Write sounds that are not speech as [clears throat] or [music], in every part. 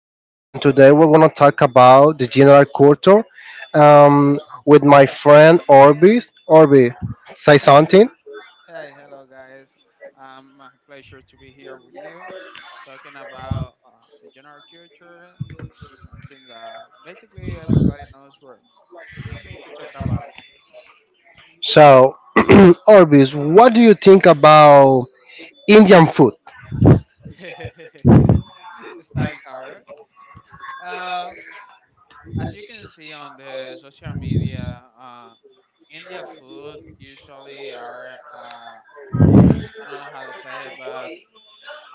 William, and today we're going to talk about the general culture um, with my friend Orbis. Orbis, say something. Hey, hello guys. A pleasure to be here with you, talking about the general culture, something that basically everybody knows, but we need to talk about So, [clears throat] Orbis, what do you think about Indian food? [laughs] it. Starting hard, right? Uh, as you can see on the social media, India food usually are I don't know how to say it, but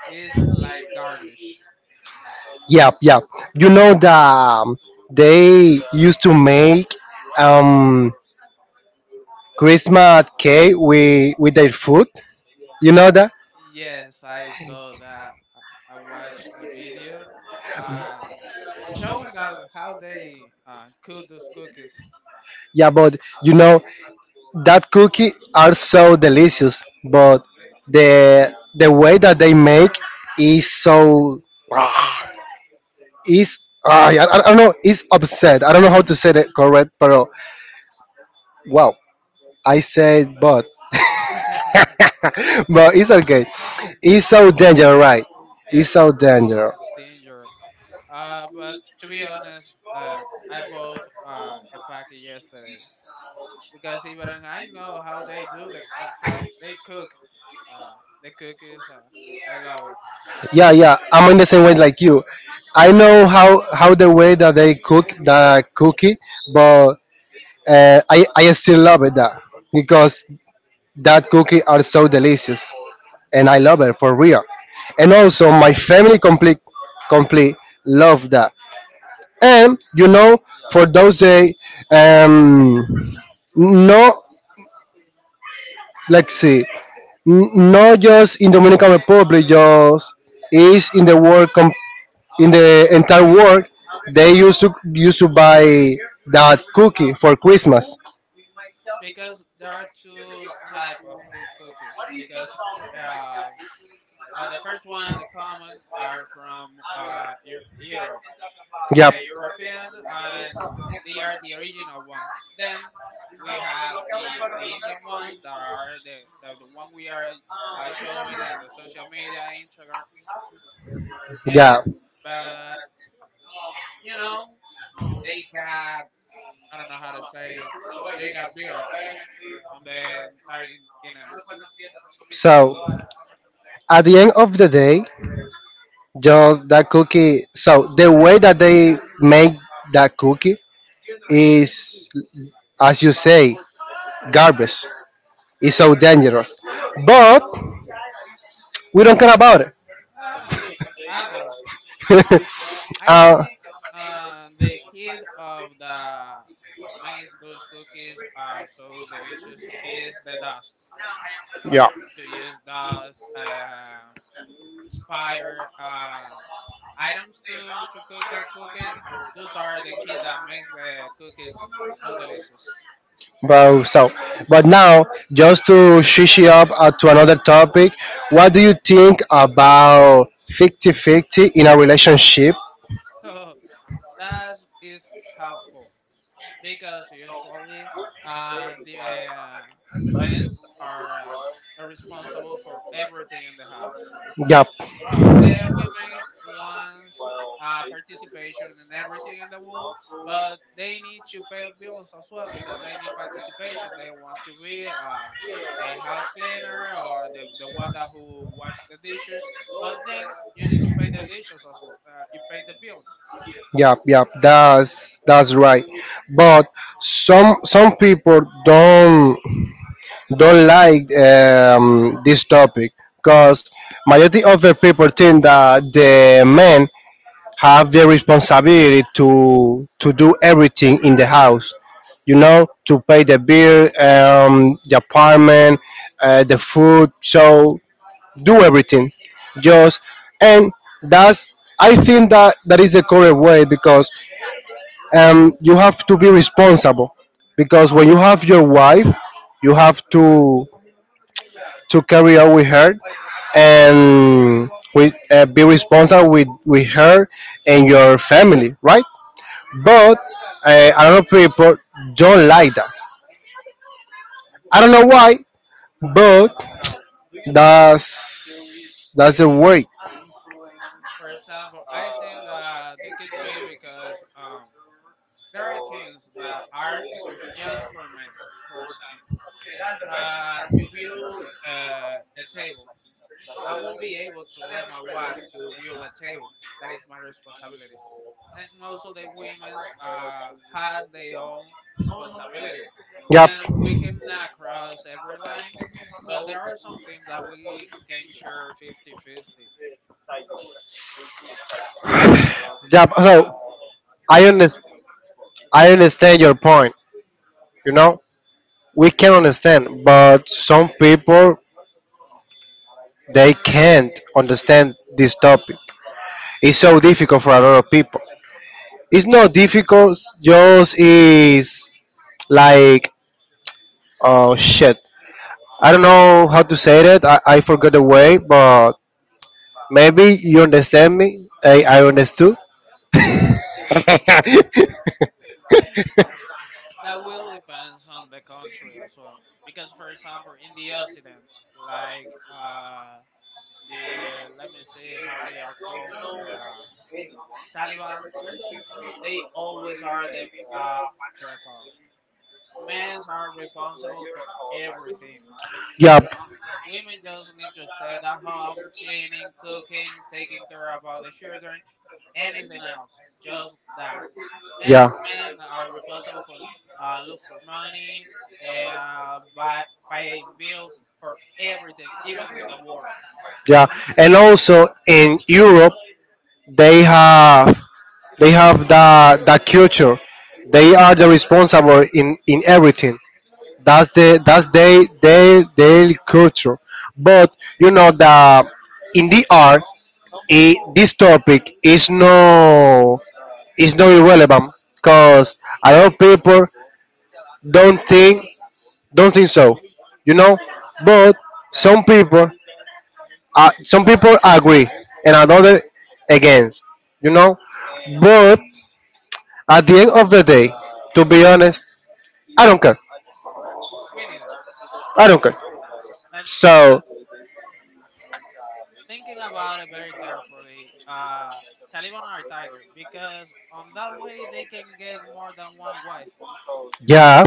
it is like garbage. Yep, yep. You know that they used to make um, Christmas cake with their food. You know that? Yes, I saw that. I watched a video. Uh, Showing that how they cook those cookies. Yeah, but you know that cookie are so delicious but the way that they make is so is ah, I don't know is upset. I don't know how to say it correct but wow, I said. But [laughs] Yeah, [laughs] but it's okay. It's so dangerous, right? It's it's so dangerous. danger. But to be honest, I bought a packet yesterday because even I know how they do the how they cook uh, the cookies. I love it. Yeah, yeah, I'm in the same way like you. I know how the way that they cook the cookie, but I still love it, that, because that cookie are so delicious, and I love it for real. And also, my family complete love that. And you know, for those day, um, no, let's see, not just in Dominican Republic, just is in the world, in I rather the entire world. They used to buy that cookie for Christmas. because there are two type of those cookies. Because uh, the first one, the common, are from Europe. They are European and they are the original one. Then we have the Indian ones that are the one we are showing in the social media, Instagram, and but you know they got I don't know how to say it. They got bitter on the entire internet. So, at the end of the day, just that cookie. So the way that they make that cookie is, as you say, garbage. It's so dangerous, but we don't care about I don't know. I don't. it. [laughs] I uh, think the kid of the makes those cookies are so delicious is the dust. yeah. To use those inspire items to cook the cookies. Those are the key that makes the cookies so delicious. [laughs] Well, so, but now just to switch it up to another topic, what do you think about 50-50 in a relationship? So that is helpful because usually uh, the uh, the men are responsible for everything in the house. Yep, The women wants participation in everything in the world, but they need to pay bills as well because they need participation. They don't want to be a house cleaner or the one that who wash the dishes. But then you need to pay the dishes as well. You pay the bills. yep, yep. That's right. But some people don't don't like this topic because majority of the people think that the men have the responsibility to do everything in the house, you know, to pay the bill, the apartment, the food, so do everything, just, and that's, I think that that is the correct way because you have to be responsible, because when you have your wife, you have to carry out with her, and with be responsible with her and your family, right? But a lot of people don't like that. I don't know why, but that's the way. For example, I think that they could be because there are things that are just for men. For to build a table, I won't be able to let my wife to view a table. That is my responsibility. And also the women has their own responsibility. Yep. Then we cannot cross every line, but there are some things that we can share fifty-fifty. Yeah, How so I take it- understand. I understand your point. You know, we can understand, but some people they can't understand this topic. It's so difficult for a lot of people. It's not difficult. Just is like, oh shit. I don't know how to say that. I forgot the way, but maybe you understand me. I understood. [laughs] [laughs] that will depends on the country as well. Because for example, in the Occident, like the let me see how they are called, uh, Taliban. They always are the uh, miracle. Men are responsible for everything. Women just need to stay at home, cleaning, cooking, taking care about the children, anything else. Just that. And men are responsible for look for money, buy, paying bills for everything, even in the war. Yeah, and also in Europe they have they have the culture. They are the responsible in everything. That's they their culture. But you know, the in the art, I this topic is is no irrelevant because a lot of people don't think don't think so. You know, but some people, some people agree, and another against. You know, but at the end of the day, to be honest, I don't care. Many of I don't care. them. So Thinking about it very carefully. Taliban or Tiger, because on that way they can get more than one wife. yeah,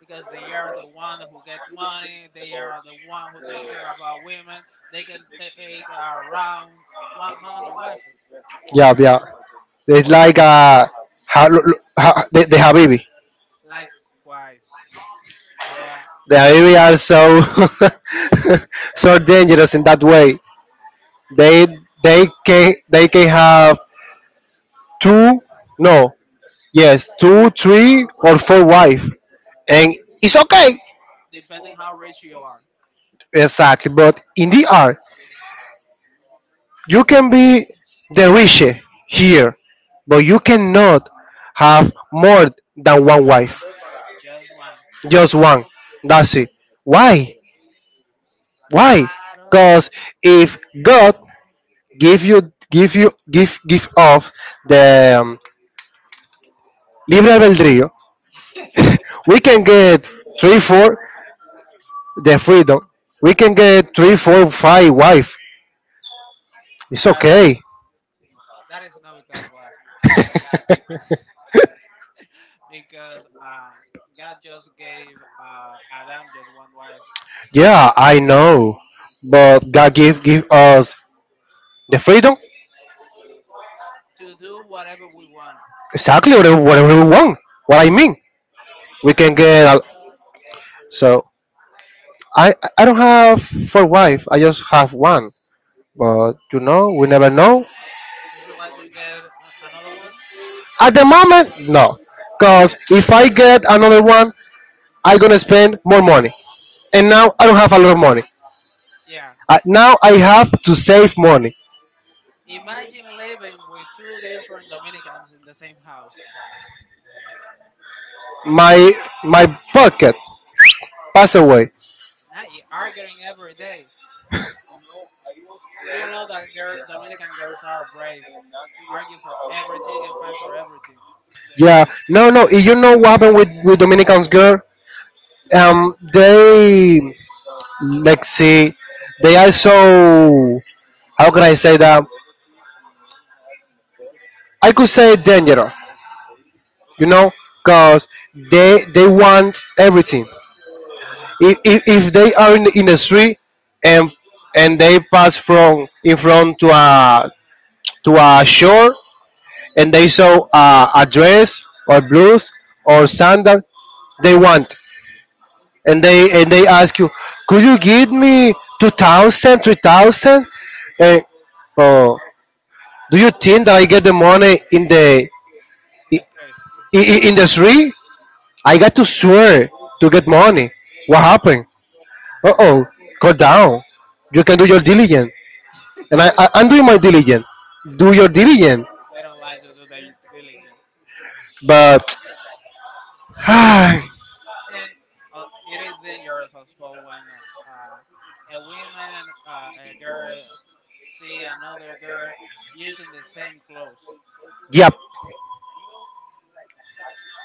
Because they are the one who get money, they are the one who take care about women. They can take around 100 wives. yeah, yeah. It's like ha, lo- lo- ha, the Habibi. Likewise, yeah, The Habibi are so [laughs] so dangerous in that way. They they can have two, no, yes, two, three, or four wife, and it's okay. depending how rich you are, Exactly, but in the art, you can be the rich here, but you cannot have more than one wife, just one. just one. That's it. Why? Why? I don't know, Because if God give you give you give give off the libre albedrío, we can get [laughs] three, Radon, four the freedom. We can get three, four, five wife. It's but okay. that is not because wife. I got [laughs] because God just gave Adam just one wife Yeah, I know, but God give us the freedom. to do whatever we want. Exactly, whatever we want. What I mean, we can get. A, so I don't have four wife. I just have one. But you know, we never know. Would you like to get a- another one? At the moment, no, cause if I get another one, I gonna spend more money. And now I don't have a lot of money. Yeah. Now I have to save money. Imagine living with two different Dominicans in the same house. My my pocket pass away. Not y- arguing every day. You know that girl, Dominican girls are brave, argue for everything and fight for everything. Yeah, no, no. You know what happened with Dominicans girl? They, let's see, they are so, how can I say that? I could say dangerous, you know, cause they want everything. If they are in in the street, and and they pass from in front to a shore, and they saw a dress or blouse or sandal, they want. And they ask you, could you give me 2,000, 3,000? And oh, do you think that I get the money in the i- The stress. In the street? I got to swear to get money. What happened? Uh Yeah. oh, go down. You can do your diligence, and [laughs] I'm doing my diligence. Do your diligence, They don't like to do their diligence. but [sighs] hi. And it is dangerous as well when a woman, a girl, see another girl using the same clothes. Yep.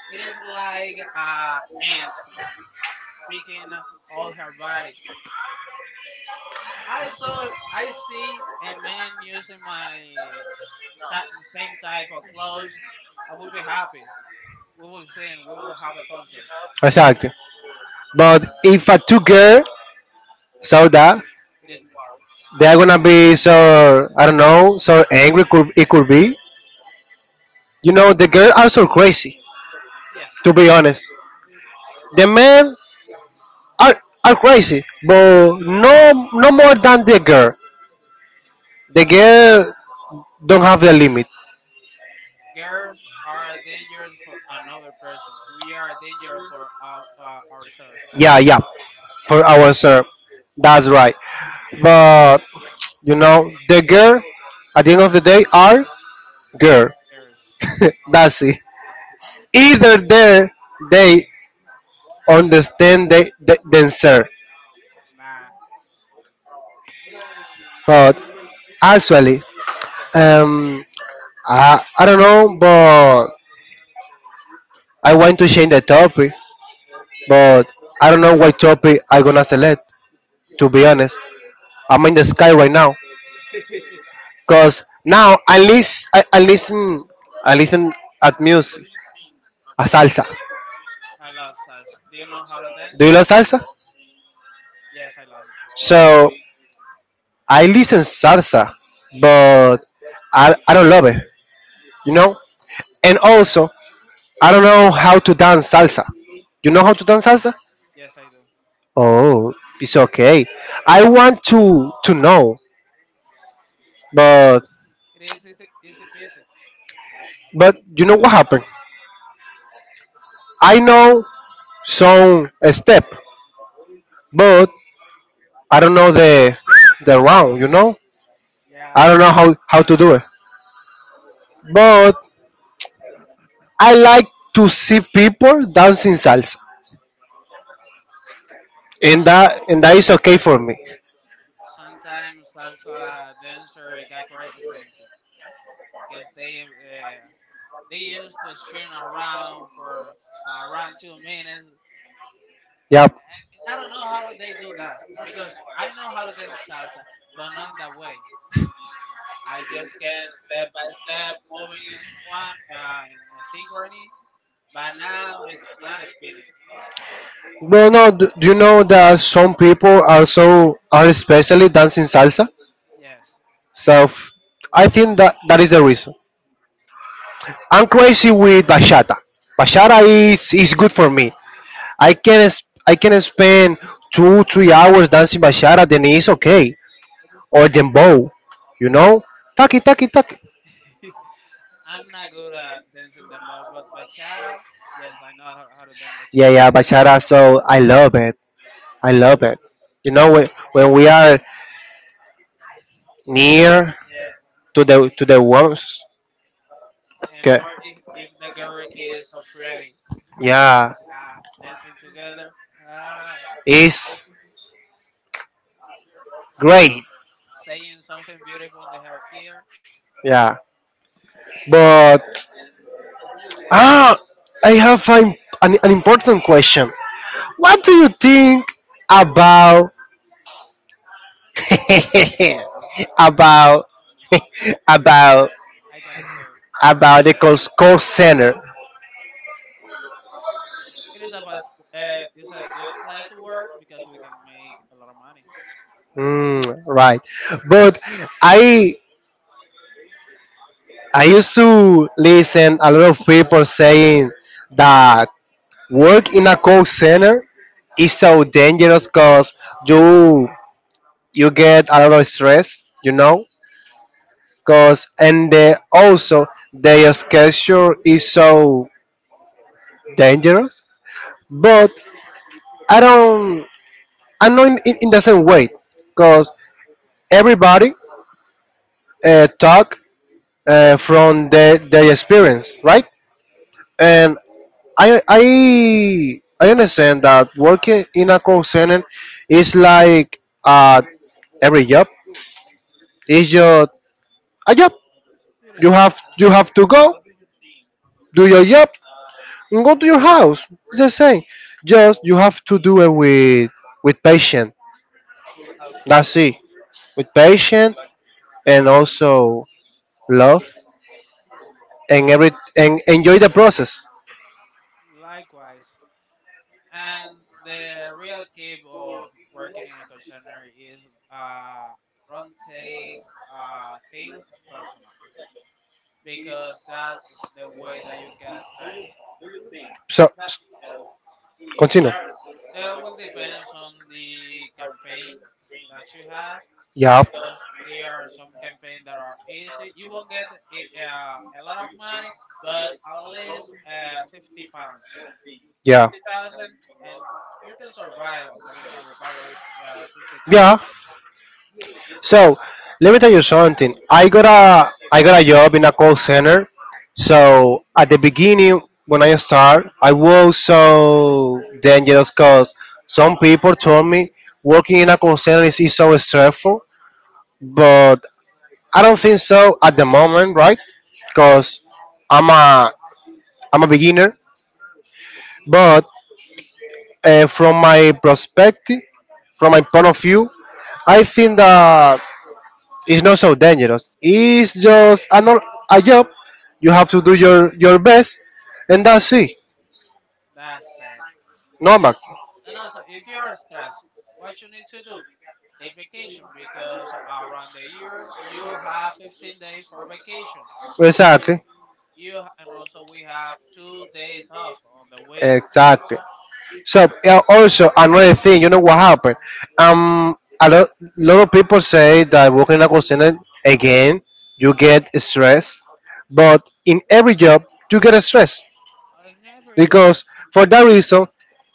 It is like ant that picking all her body. I saw, a- I see a man using my ta- same type of clothes. I will be happy. We will sing. We will have a concert. Exacto. But if a two girl saw that, It is they're gonna be so, I don't know, so angry. Could it could be? You know, the girls are so crazy. yes. To be honest, the men are crazy, but no more than the girl. The girl don't have the limit. Girls are dangerous for another person. We are dangerous for our, ourselves. Yeah, yeah, for our sir, that's right. But you know, the girl at the end of the day are girl. Girls, [laughs] That's it. Either there they understand themselves, nah. but I, actually, um, I don't know, but I want to change the topic, but I don't know what topic I gonna select. To be honest, I'm in the sky right now, [laughs] cause now I listen at music, a salsa. I love salsa. Do you know how to Do dance? you love salsa? Yes, I love it. So I listen salsa, but I don't love it. You know, and also, I don't know how to dance salsa. You know how to dance salsa? Yes, I do. Oh, it's okay. I want to know, but It is easy, easy peasy. but you know what happened? I know some step, but I don't know the round. You know, I Yeah. don't know how to do Around. it. But I like to see people dancing salsa, and Some that is okay for me. sometimes salsa dancer got crazy dancing because they used to spin around for around 2 minutes. Yeah. I don't know how they do that because I know how to dance salsa, but not in that way. I just get step by step, moving in one in a synchrony, but now it's not spinning. No, no. Do, do you know that some people are so are especially dancing salsa? Yes, So f- I think that that is the reason. I'm crazy with bachata. Bachata is good for me. I can spend 2 or 3 hours dancing bachata. Then it's okay. Or dembow, you know. Taki taki taki. [laughs] I'm not good at dancing dembow, but bachata, yes, I know how to dance Yeah, bachata. yeah, bachata. So I love it. I love it. You know when we are near Yeah, to the woman. and Okay. more if the girl is so pretty, Yeah, dancing together, uh, it's s- great. saying something beautiful in her ear, Yeah, but ah, I have an important question. What do you think about [laughs] about [laughs] about I got scared. about the call center? It is a best, it's a good place to work because we can make a lot of money. Mm, right, but I I used to listen a lot of people saying that work in a call center, it's so dangerous because you you get a lot of stress, you know, because, and they also their schedule is so dangerous, but I don't, I'm not in the same way, because everybody talk from their experience, right? And I understand that working in a call center is like every job is your a job. It is You just have to go, do your job, and go to your house. It's the same. Just you have to do it with patience. That's it. With patience and also love and every and enjoy the process. likewise. And the real key of working in a call center is uh, don't take things personal because that's the way that you get stressed. So s- continue. There that will depends on the campaign that you have Yeah. because there are some campaign that are easy, you won't get it, a lot of money, but at least 50 pounds, Yeah. 50,000. And you can survive on dominican republic with 50,000. Yeah. So let me tell you something. I got a job in a call center. So at the beginning when I start, I was so dangerous because some people told me working in a call center is so stressful, but I don't think so at the moment, right? Because I'm a I'm a beginner, but from my perspective, from my point of view, I think that it's not so dangerous. It's just a, a job. You have to do your best, and that's it. That's it. and, Normal. and also if you are stressed, what you need to do, take vacation because around the year you have 15 days for vacation. Exactly. You h- and also we have 2 days off on the week. Exactly. So also another thing, you know what happened? Um, a lot, lot of people say that working in a call center, again, you get stress, but in every job you get stress, And everybody, because for that reason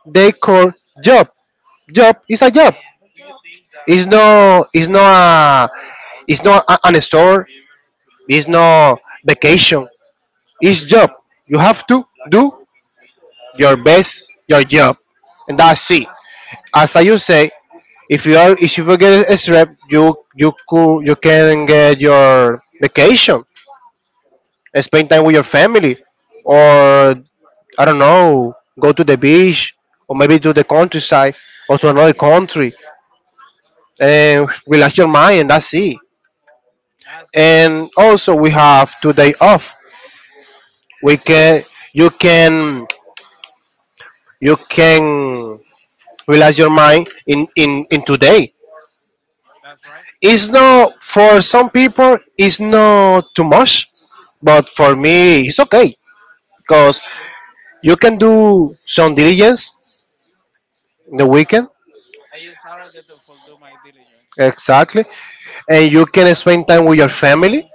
they call job. Job is a job. the job, It's no, a, it's not a, an store. It's not vacation. It's job. You have to do your your job. best, your job, and that's it. That's As I just say, if you are, if you get a strep, you could, you can get your vacation, and spend time with your family, that's or I don't know, go to the beach, or maybe to the countryside, or to another country, and relax your mind, and that's it. that's the, And also we have today off. We can you can you can relax your mind in today. that's right It's not For some people it's not too much, but for me it's okay, for me because either. you can do some diligence in the weekend. I use Saturday to fulfill my diligence. Exactly. And you can spend time with your family,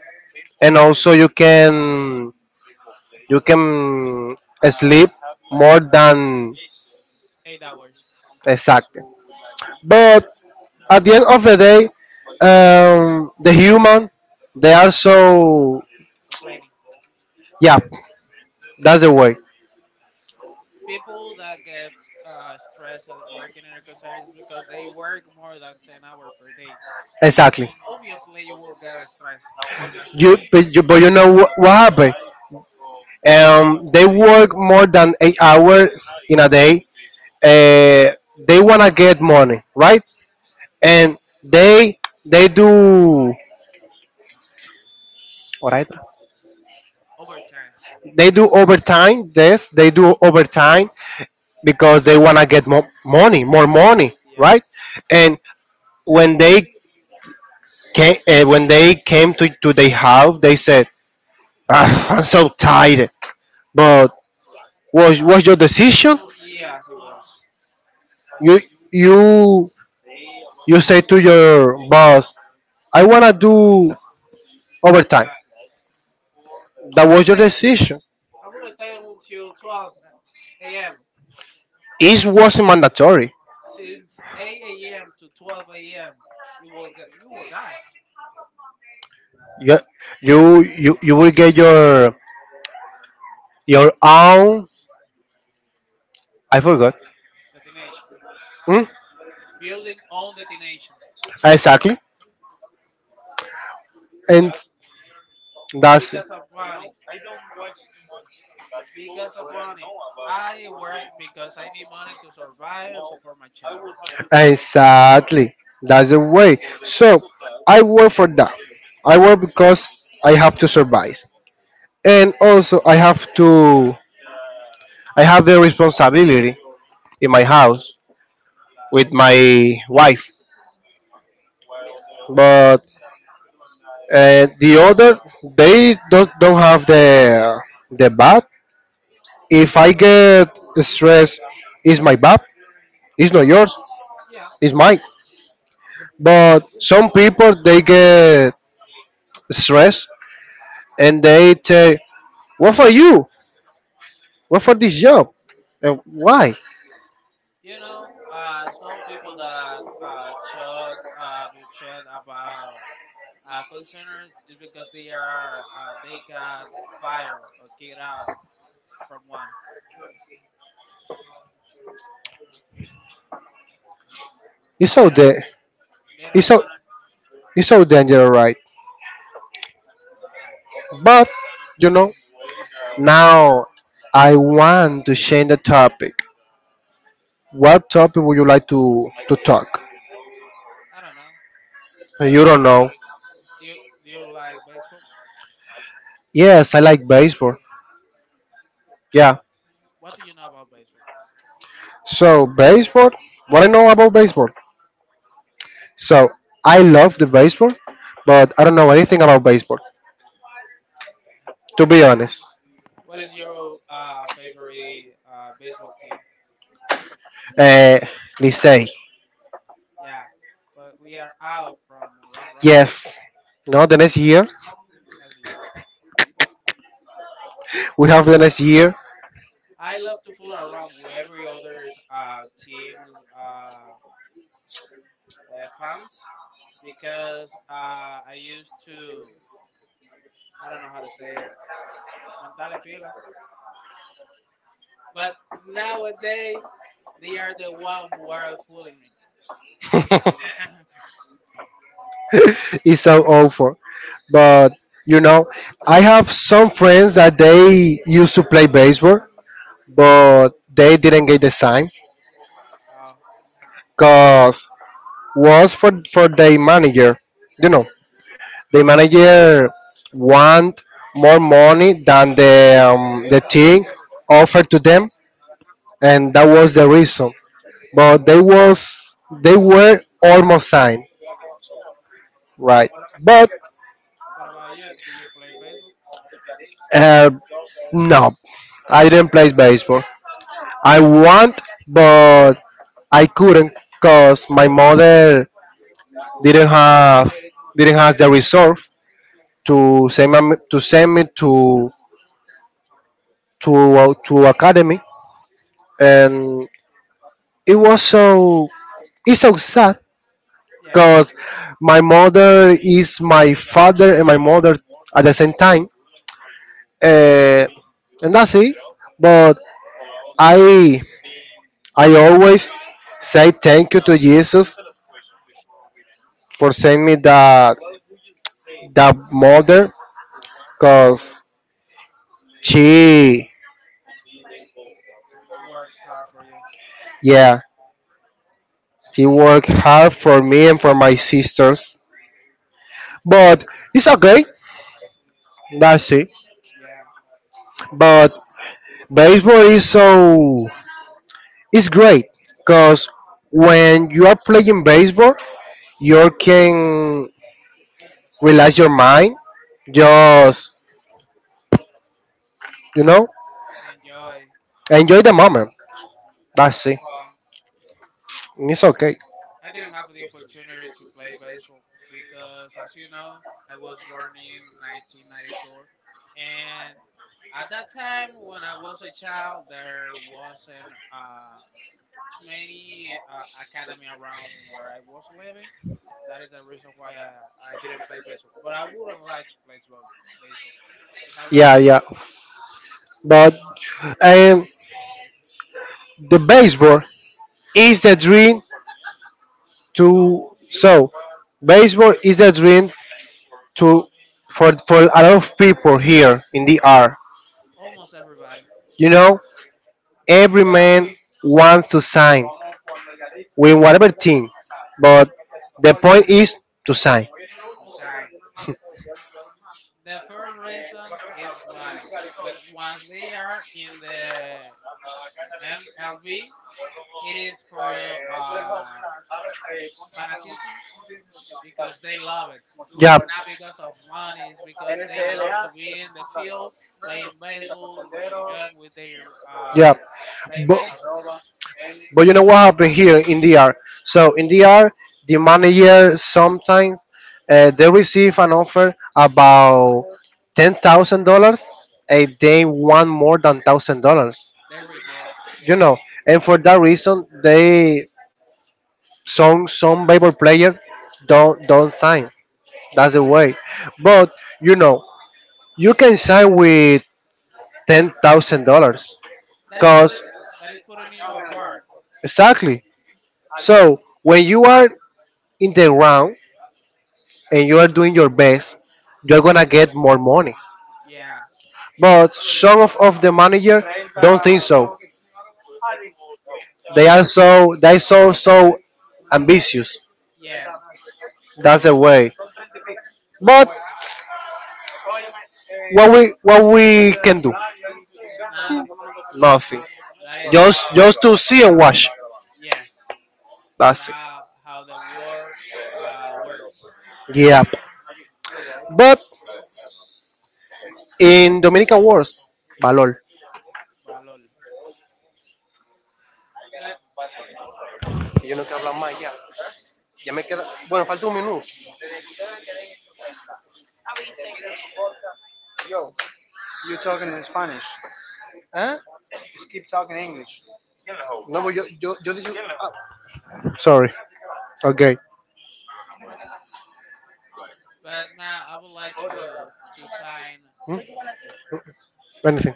and also you can sleep more than. 8 hours Exactly. But at the end of the day, the human, they are so. complaining. Yeah. That's the way. People that get stressed at working in a concern is because they work more than 10 hours per day. Exactly. Obviously, you will get stressed because But you know what happened? They work more than 8 hours in a day. Uh, they wanna get money, right? And they they do alright. overtime. They do overtime. Yes, they do overtime because they wanna get more money, Yeah, right? And when they when they came to their house, they said, "Ah, I'm so tired. But was your decision? yes, it was You you you say to your boss, I wanna do overtime. overtime. I That want to was your say decision. I will stay until 12 a.m. It wasn't mandatory. Since 8 a.m. to 12 a.m., you will get you will die. You you will get your own. I forgot. Detonation. Hmm? Building on detonation Exactly. And because that's it. because of money. Because of money. I work because I need money to survive and support my child. Exactly. That's the way. So I work for that. I work because I have to survive. And also I have the responsibility in my house with my wife. But the other, they don't have the bad. If I get stressed, it's my bad. It's not yours. Yeah, It's mine. But some people, they get stressed, and they say, "What for you? What for this job? And why? you know, some people that talk bullshit about call centers is because they are they got fired or kicked out from one It's and they so da- They don't it's want so it's so dangerous, right?" But you know, now I want to change the topic. What topic would you like to talk? to. I don't know. You don't know. Do you do you like baseball? Yes, I like baseball. Yeah. What do you know about baseball? So baseball. What I know about baseball. So I love the baseball, but I don't know anything about baseball. To be honest, What is your favorite baseball team? uh, let's say. Yeah, but we are out from round robin Yes. No, the next year. next year. We have the next year. I love to fool around with every other uh, team's farms because I used to I don't know how to say it montale pila, but nowadays they are the one who are fooling me. [laughs] [coughs] It's so awful. But you know, I have some friends that they used to play baseball, but they didn't get the sign because was for the manager. You know, the manager want more money than the team offered to them, and that was the reason. But they were almost signed, right? [laughs] Oh. But What about you? Do you play baseball? uh. No, I didn't play baseball. I want, but I couldn't because my mother didn't have didn't have the resource to send me to academy, and it was so it's so sad Yes, it because my mother is my father and my mother at the same time, uh, and that's it. But I I always say thank you to Jesus for sending me that mother because she works hard for you. yeah, she worked hard for me and for my sisters, but it's okay. That's it. Yeah. Uh, But baseball is so it's great, because when you are playing baseball you can relax your mind, just, you know Enjoy enjoy the moment. and having That's it. fun. It's okay. I didn't have the opportunity to play baseball because, as you know, I was born in 1994, and at that time, when I was a child, there wasn't too many academy around where I was living. That is the reason why I didn't play baseball. But I wouldn't like to play baseball because I love Yeah, it. yeah. But and the baseball is the dream to so baseball is the dream to for a lot of people here in the R. Almost everybody You know, every man wants to sign with whatever team, but the point is to sign. to sign. The first reason is money, but once they are in the [laughs] MLB, it is for uh, fanatism because they love it. Ya, It's yeah. not because of money; it's because they love to be in the field playing baseball, enjoying with their uh, Yeah. But, playmates. but, you know what happened here in DR? So in DR, the manager sometimes they receive an offer about $10,000, and they want more than $1,000. They reject, you yeah. know and for that reason, they, some baseball player don't sign. That's the way. But you know, you can sign with $10,000 That is putting because that is putting you apart. exactly. So when you are in the round and you are doing your best, you're gonna get more money. Yeah, But some of the manager don't think so. you they are just so they so so ambitious. yes, That's the way. But what we can do? Hmm. nothing. Nothing. That is Just how just to see and watch. yes That's it. that how the war works Yeah. But in Dominican words, valor. by LOL. But Yo no quiero hablar más ya. Ya me queda. Bueno, falta un minuto. ¿Ah? No, pues yo yo yo dije. Ah, Sorry. Okay. but now I would like to sign. Hmm? Anything.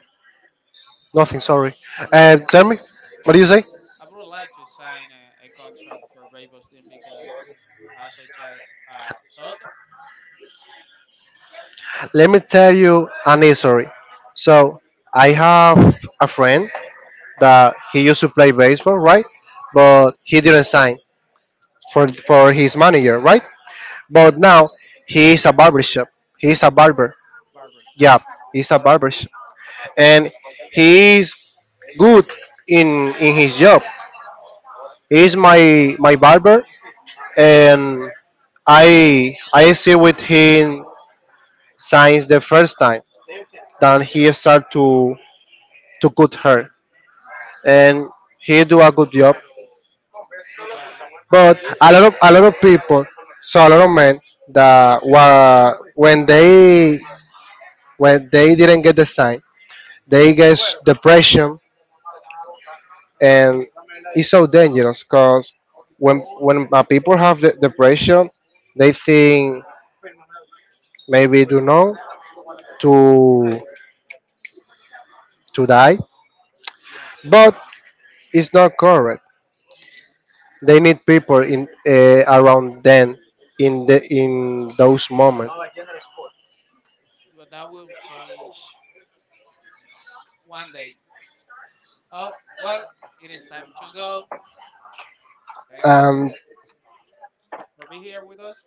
Nothing. Sorry. Tell me. What do you say? I would like to sign a contract for Rainbow Team because, such as Soto Let me tell you an history. So I have a friend that he used to play baseball, right? But he didn't sign for his manager, right? But now he is a barbershop. He is a barber. Barber, Yeah, he's a barbershop, and he is good in his job. He's my barber, and I see with him since the first time that he start to cut her, and he do a good job. good Barber, But a lot of people, so a lot of men that were when they didn't get the sign, they get depression, and it's so dangerous because when people have the depression, they think maybe do know to to die, Yes. but it's not correct. They need people in around them in those moments. But that will change one day. Oh well, it is time to go. Thank you Um, for being here with us.